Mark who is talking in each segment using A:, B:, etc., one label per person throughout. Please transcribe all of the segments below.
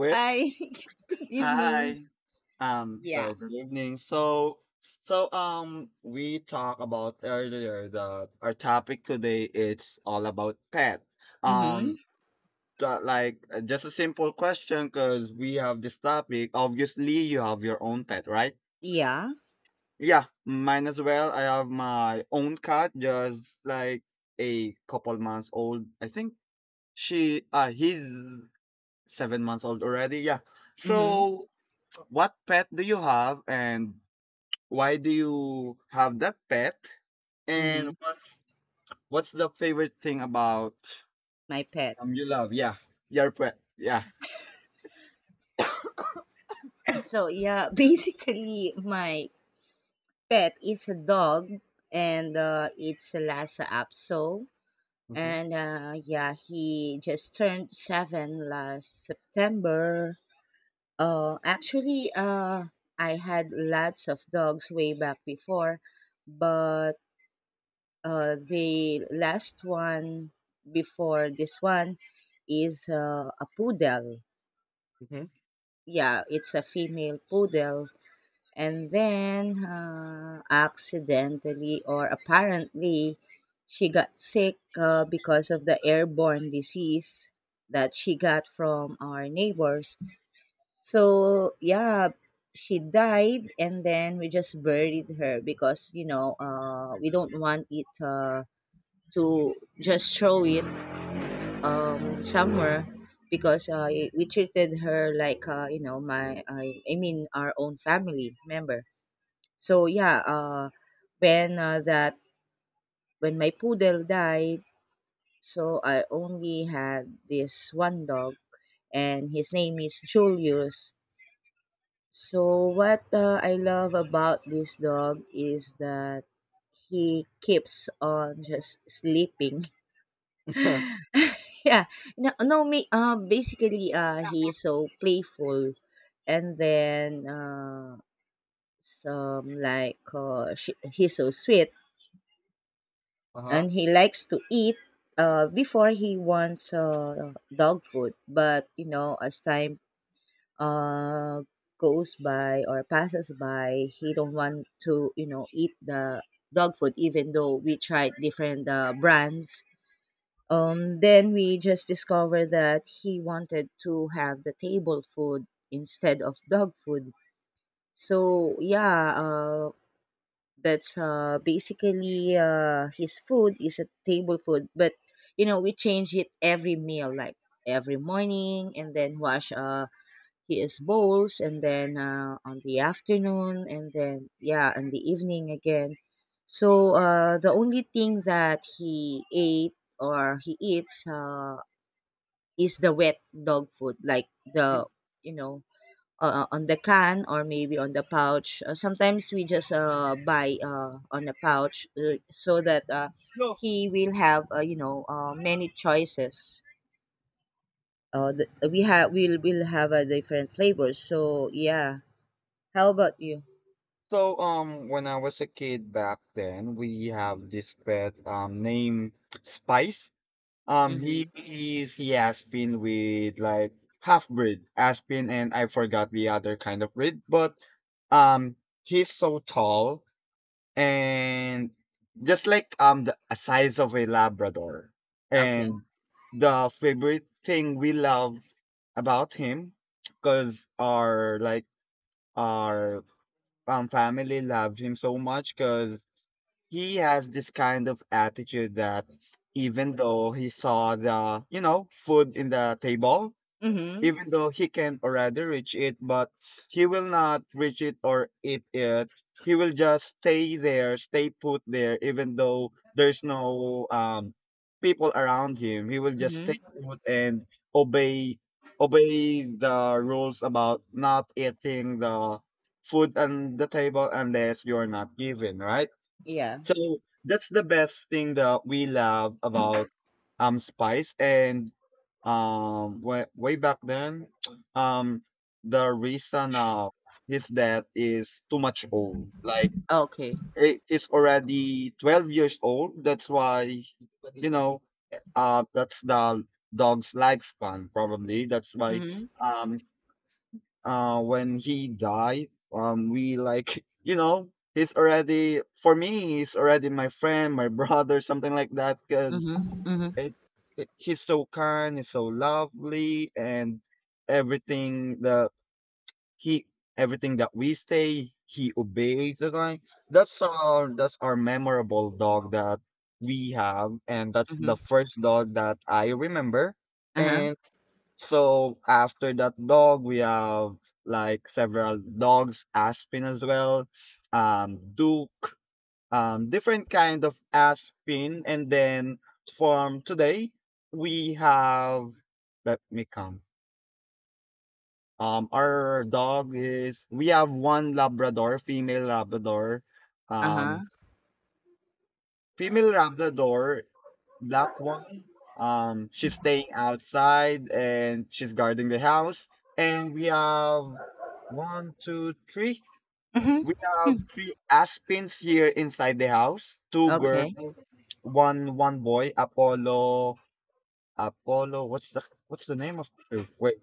A: Well,
B: Hi. Good evening.
A: hi. Um,
B: Yeah.
A: so good evening. So we talked about earlier the our topic today it's all about pet.
B: Mm-hmm.
A: Um, like, just a simple question because we have this topic. Obviously, you have your own pet, right?
B: Yeah.
A: Yeah, mine as well. I have my own cat, just like a couple months old. I think he's 7 months old already. Yeah.
B: Mm-hmm.
A: So what pet do you have and why do you have that pet?
B: Mm-hmm.
A: And what's the favorite thing about
B: My pet.
A: you love? Yeah, your pet. Yeah.
B: Basically my pet is a dog and it's a Lhasa Apso.
A: Mm-hmm.
B: And yeah, he just turned seven last September. Actually, I had lots of dogs way back before, but the last one before this one is a poodle.
A: Mm-hmm.
B: Yeah, it's a female poodle. And then accidentally or apparently, she got sick because of the airborne disease that she got from our neighbors. So, yeah, she died, and then we just buried her because, you know, we don't want it. To just throw it somewhere because we treated her like you know I mean our own family member. So yeah, uh, when uh, that when my poodle died, so I only had this one dog, and his name is Julius. So what I love about this dog is that he keeps on just sleeping. Yeah. No, no, me, basically, He is so playful. And then, he's so sweet
A: Uh-huh.
B: and he likes to eat. Before he wants, dog food. But, you know, as time, uh, goes by or passes by, he don't want to, you know, eat the dog food, even though we tried different, brands. Then we just discovered that he wanted to have the table food instead of dog food. So yeah, that's basically His food is a table food, but you know we change it every meal, like every morning, and then wash his bowls, and then on the afternoon, and then yeah, in the evening again. So the only thing that he ate or he eats is the wet dog food, like
A: Mm.
B: the you know on the can or maybe on the pouch. Sometimes we just buy on the pouch so that
A: No.
B: he will have you know many choices. The, we have we'll will have different flavors. So yeah, how about you?
A: So when I was a kid back then, we have this pet named Spice.
B: Mm-hmm.
A: He has been with like half breed aspin, and I forgot the other kind of breed. But um, he's so tall and just like the size of a Labrador.
B: Okay.
A: And the favorite thing we love about him, cause our family loves him so much, cause he has this kind of attitude that even though he saw the food in the table,
B: Mm-hmm.
A: even though he can already reach it, but he will not reach it or eat it. He will just stay put there, even though there's no people around him. He will just stay
B: Mm-hmm.
A: put and obey obey the rules about not eating the food on the table unless you're not given, right?
B: Yeah.
A: So that's the best thing that we love about Spice. And way, way back then, um the reason of his death is too much old, like
B: Okay.
A: it's already 12 years old. That's why, you know, that's the dog's lifespan probably. That's why
B: Mm-hmm.
A: um when he died, we, like, he's already for me, he's already my friend, my brother, something like that, because
B: Mm-hmm. Mm-hmm.
A: it, it he's so kind, he's so lovely, and everything that he everything that we say he obeys the guy. That's our memorable dog that we have, and that's the
B: Mm-hmm.
A: first dog that I remember.
B: Uh-huh.
A: And so after that dog, we have like several dogs, Aspen as well, Duke, different kind of Aspen, and then from today we have. Let me come. Our dog is we have one Labrador, female Labrador.
B: Uh-huh.
A: Um, Female Labrador, black one. She's staying outside and she's guarding the house. And we have one, two, three.
B: Mm-hmm.
A: We have three aspins here inside the house. Two girls,
B: Okay.
A: one boy. Apollo, Apollo. What's the name of? Oh, wait,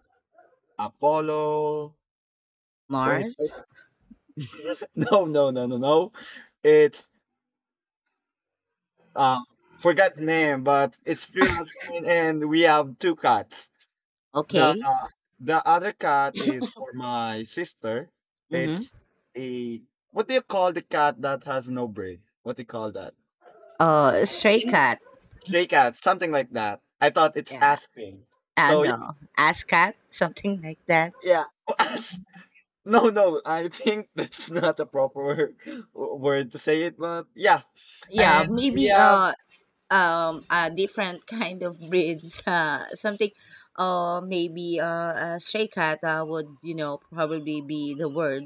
A: Apollo. Wait.
B: Mars.
A: No, no, no, no, no. It's uh, forgot the name, but it's three husband and we have two cats. The
B: Okay.
A: uh, the other cat is for my sister.
B: Mm-hmm.
A: It's a what do you call the cat that has no brain? What do you call that?
B: Stray
A: Stray
B: cat.
A: Stray cat, something like that. I thought it's
B: Yeah.
A: Aspen.
B: I
A: So yeah,
B: know. Ass cat, something like that.
A: yeah. as- No, no, I think that's not a proper word to say it, but yeah.
B: Yeah,
A: And
B: maybe
A: yeah.
B: a different kind of breeds. Something. Maybe a stray cat would you know probably be the word.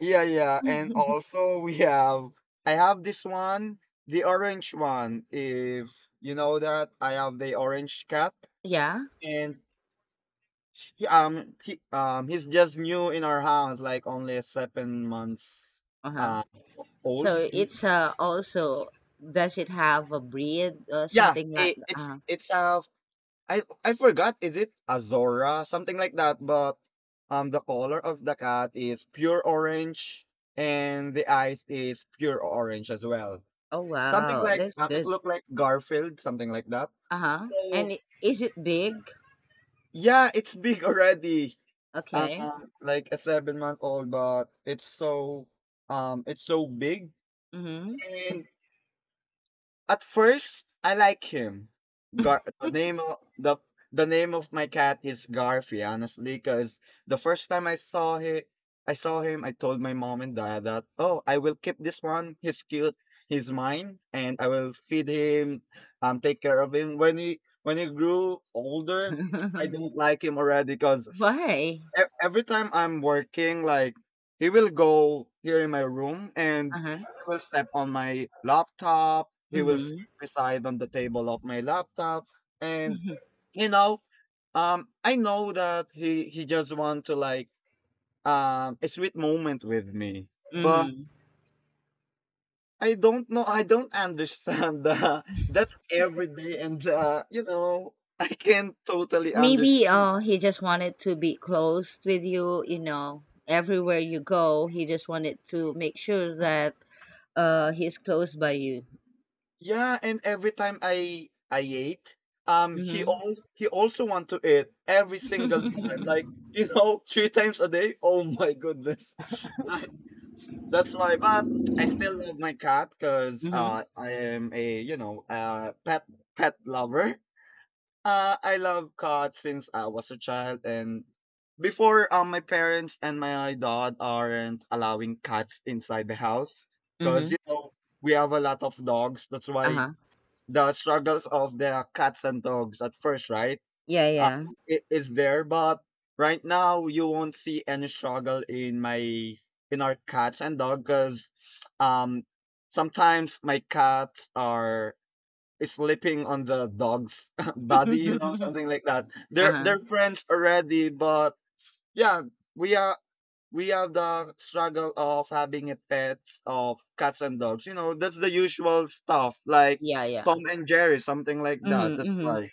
A: Yeah, yeah, and also we have I have this one, the orange one. If you know that, I have the orange cat,
B: Yeah.
A: and he's just new in our house, like only 7 months
B: Uh huh.
A: uh old.
B: So it's also does it have a breed or
A: Yeah,
B: something like?
A: it, it's a I forgot, is it Azora, something like that, but the color of the cat is pure orange, and the eyes is pure orange as well.
B: Oh
A: Something
B: wow,
A: like
B: that's
A: it
B: good.
A: looked like Garfield, something like that.
B: Uh huh.
A: So
B: And is it big?
A: yeah, it's big already. Uh,
B: Okay.
A: like a 7 month old, but it's so big.
B: Mm-hmm.
A: And at first, I like him. Gar- the name of the the name of my cat is Garfi, honestly, because the first time I saw him, I told my mom and dad that, oh, I will keep this one. He's cute. He's mine, and I will feed him, take care of him. When he grew older, I don't like him already, because
B: Why?
A: every time I'm working, like he will go here in my room and
B: Uh huh.
A: he will step on my laptop. He will sit
B: Mhm,
A: beside on the table of my laptop, and
B: mhm,
A: you know, I know that he just want to like a sweet moment with me, but
B: mhm.
A: I don't know. I don't understand that. That's every day, and I can't totally
B: Maybe
A: understand.
B: he just wanted to be close with you, you know, everywhere you go, he just wanted to make sure that he's close by you.
A: Yeah, and every time I ate,
B: Mhm.
A: he also want to eat every single time, like three times a day. Oh my goodness, I- that's why. But I still love my cat because
B: Mhm.
A: I am a pet lover. I love cats since I was a child, and before my parents and my dad aren't allowing cats inside the house because
B: Mhm.
A: we have a lot of dogs. That's why
B: Uh-huh.
A: the struggles of the cats and dogs at first, right?
B: Yeah,
A: Uh,
B: yeah.
A: it is there, but right now you won't see any struggle in my in our cats and dog, because um sometimes my cats are sleeping on the dog's body, something like that. They're
B: Uh-huh.
A: they're friends already, but yeah, we are we have the struggle of having a pets of cats and dogs. That's the usual stuff, like
B: Yeah, yeah.
A: Tom and Jerry, something like that.
B: Mhm,
A: That's
B: mhm.
A: why.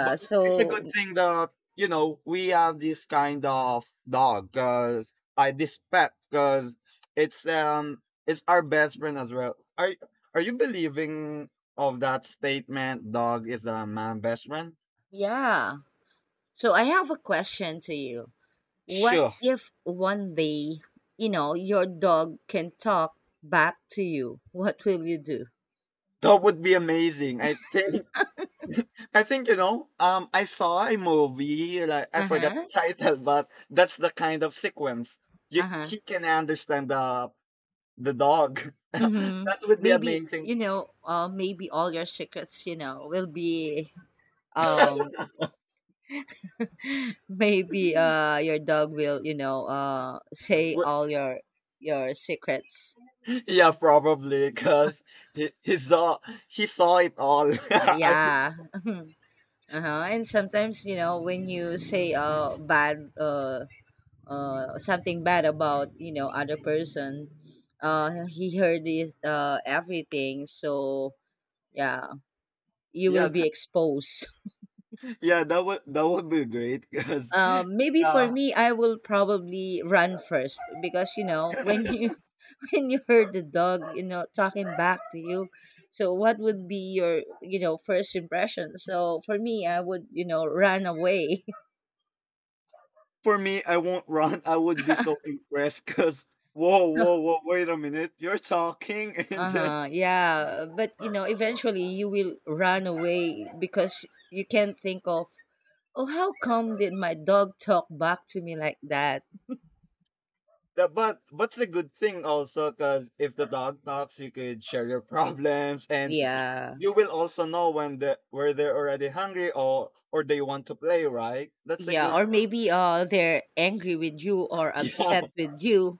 A: But it's a
B: so
A: good thing that we have this kind of dog, cause I this pet, cause it's our best friend as well. Are you believing of that statement? Dog is a man best friend.
B: yeah. So I have a question to you. What
A: Sure,
B: if one day, you know, your dog can talk back to you? What will you do?
A: that would be amazing. I think. I saw a movie. Like I forgot
B: Uh-huh.
A: the title, but that's the kind of sequence.
B: Uh-huh.
A: He can understand the dog.
B: Mm-hmm.
A: That would be
B: Maybe,
A: amazing.
B: you know, maybe all your secrets, you know, will be um Maybe your dog will, you know, say
A: Wh-
B: all your secrets.
A: Yeah, probably because he, he saw he saw it all.
B: Yeah. Uh-huh. And sometimes, you know, when you say bad something bad about, you know, other person, he heard this everything, so yeah, you will
A: Yeah,
B: be exposed.
A: yeah, that would be great because
B: Maybe for
A: yeah,
B: me, I will probably run first because you know when you when you heard the dog, you know, talking back to you. So what would be your you know first impression? So for me, I would you know run away.
A: for me, I won't run. I would be so impressed because whoa,
B: uh
A: whoa, whoa, wait a minute, you're talking and then
B: huh. Yeah, but you know, eventually you will run away because you can't think of oh how come did my dog talk back to me like that?
A: Yeah, but what's the good thing also? Because if the dog talks, you could share your problems, and
B: Yeah.
A: you will also know when the where they're already hungry, or they want to play. Right? That's a
B: Yeah,
A: good.
B: or maybe they're angry with you or upset with you.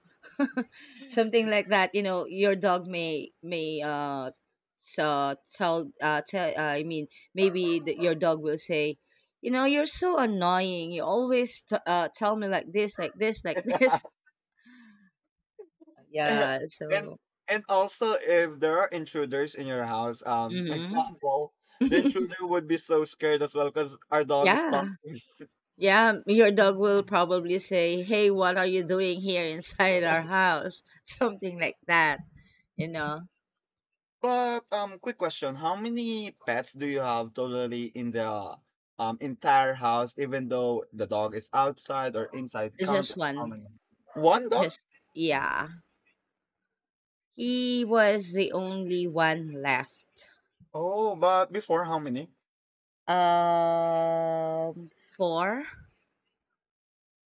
B: Something like that, you know, your dog may so tell tell I mean maybe your dog will say, "You know, you're so annoying. You always tell me like this, like this, like this."
A: Yeah.
B: Yeah,
A: and
B: so
A: and also, if there are intruders in your house,
B: mhm.
A: example, the intruder would be so scared as well because our dog is stuck.
B: Yeah. Yeah, your dog will probably say, "Hey, what are you doing here inside our house?" Something like that, you know.
A: But quick question: how many pets do you have totally in the entire house? Even though the dog is outside or inside, count
B: Just
A: how
B: one.
A: many? One dog.
B: Just yeah. He was the only one left.
A: Oh, but before how many?
B: 4.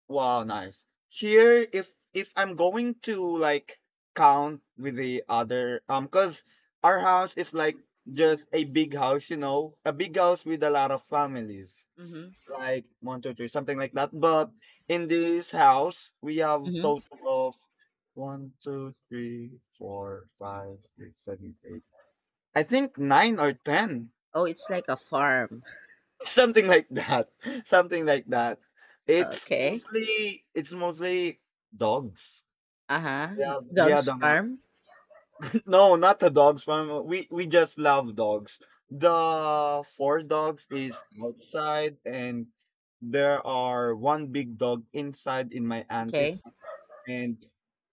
A: Wow, nice. Here, if I'm going to like count with the other, cause our house is like just a big house, a big house with a lot of families,
B: Mm-hmm.
A: like one, two, three, something like that. But in this house, we have
B: Mm-hmm.
A: total one, two, three, four, five, six, seven, eight. I think nine or ten,
B: Oh, it's like a farm.
A: something like that. Something like that. It's
B: Okay.
A: mostly it's mostly dogs.
B: Uh huh.
A: Yeah, we had
B: Dogs
A: a lot.
B: farm.
A: No, not the dogs farm. We just love dogs. The four dogs is outside, and there are one big dog inside in my auntie's,
B: Okay.
A: and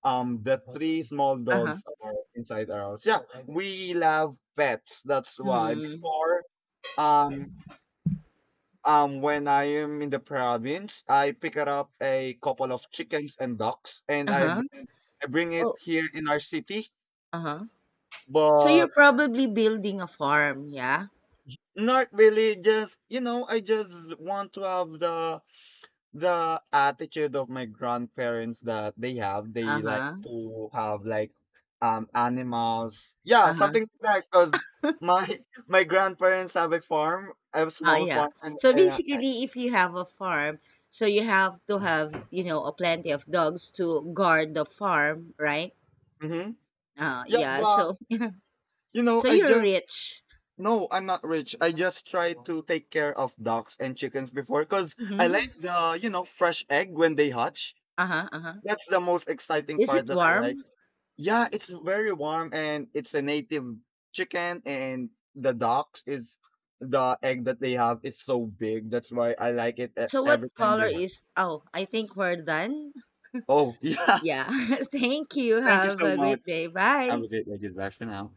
A: the three small
B: Uh huh.
A: dogs are inside our house. Yeah, we love pets. That's why
B: Mm-hmm.
A: before um when I am in the province, I pick up a couple of chickens and ducks, and
B: Uh huh.
A: I bring it
B: Oh.
A: here in our city,
B: Uh huh. So
A: but
B: you're probably building a farm, yeah?
A: not really. Just I just want to have the attitude of my grandparents, that they
B: Uh
A: like
B: huh.
A: to have like animals, yeah,
B: Uh huh.
A: something like that, because my my grandparents have a
B: Ah,
A: small
B: yeah.
A: farm and
B: So basically, if you have a farm, so you have to have you know a plenty of dogs to guard the farm, right?
A: mm-hmm.
B: Oh,
A: Yeah,
B: yeah.
A: but
B: So, so
A: I
B: you're
A: just.
B: rich.
A: No, I'm not rich. I just try to take care of ducks and chickens before because I like
B: Hmm.
A: the fresh egg when they hatch.
B: Uh-huh, uh-huh.
A: That's the most exciting
B: Is
A: part
B: it
A: that I like.
B: warm?
A: Yeah, it's very warm, and it's a native chicken, and the ducks is the egg that they have is so big. That's why I like it
B: So
A: every
B: what
A: time they
B: color
A: have.
B: is... Oh, I think we're done.
A: Oh, yeah.
B: Yeah. Thank you.
A: Thank you
B: Have
A: so
B: a
A: much.
B: great day.
A: Have
B: Bye.
A: a great day. Bye for now.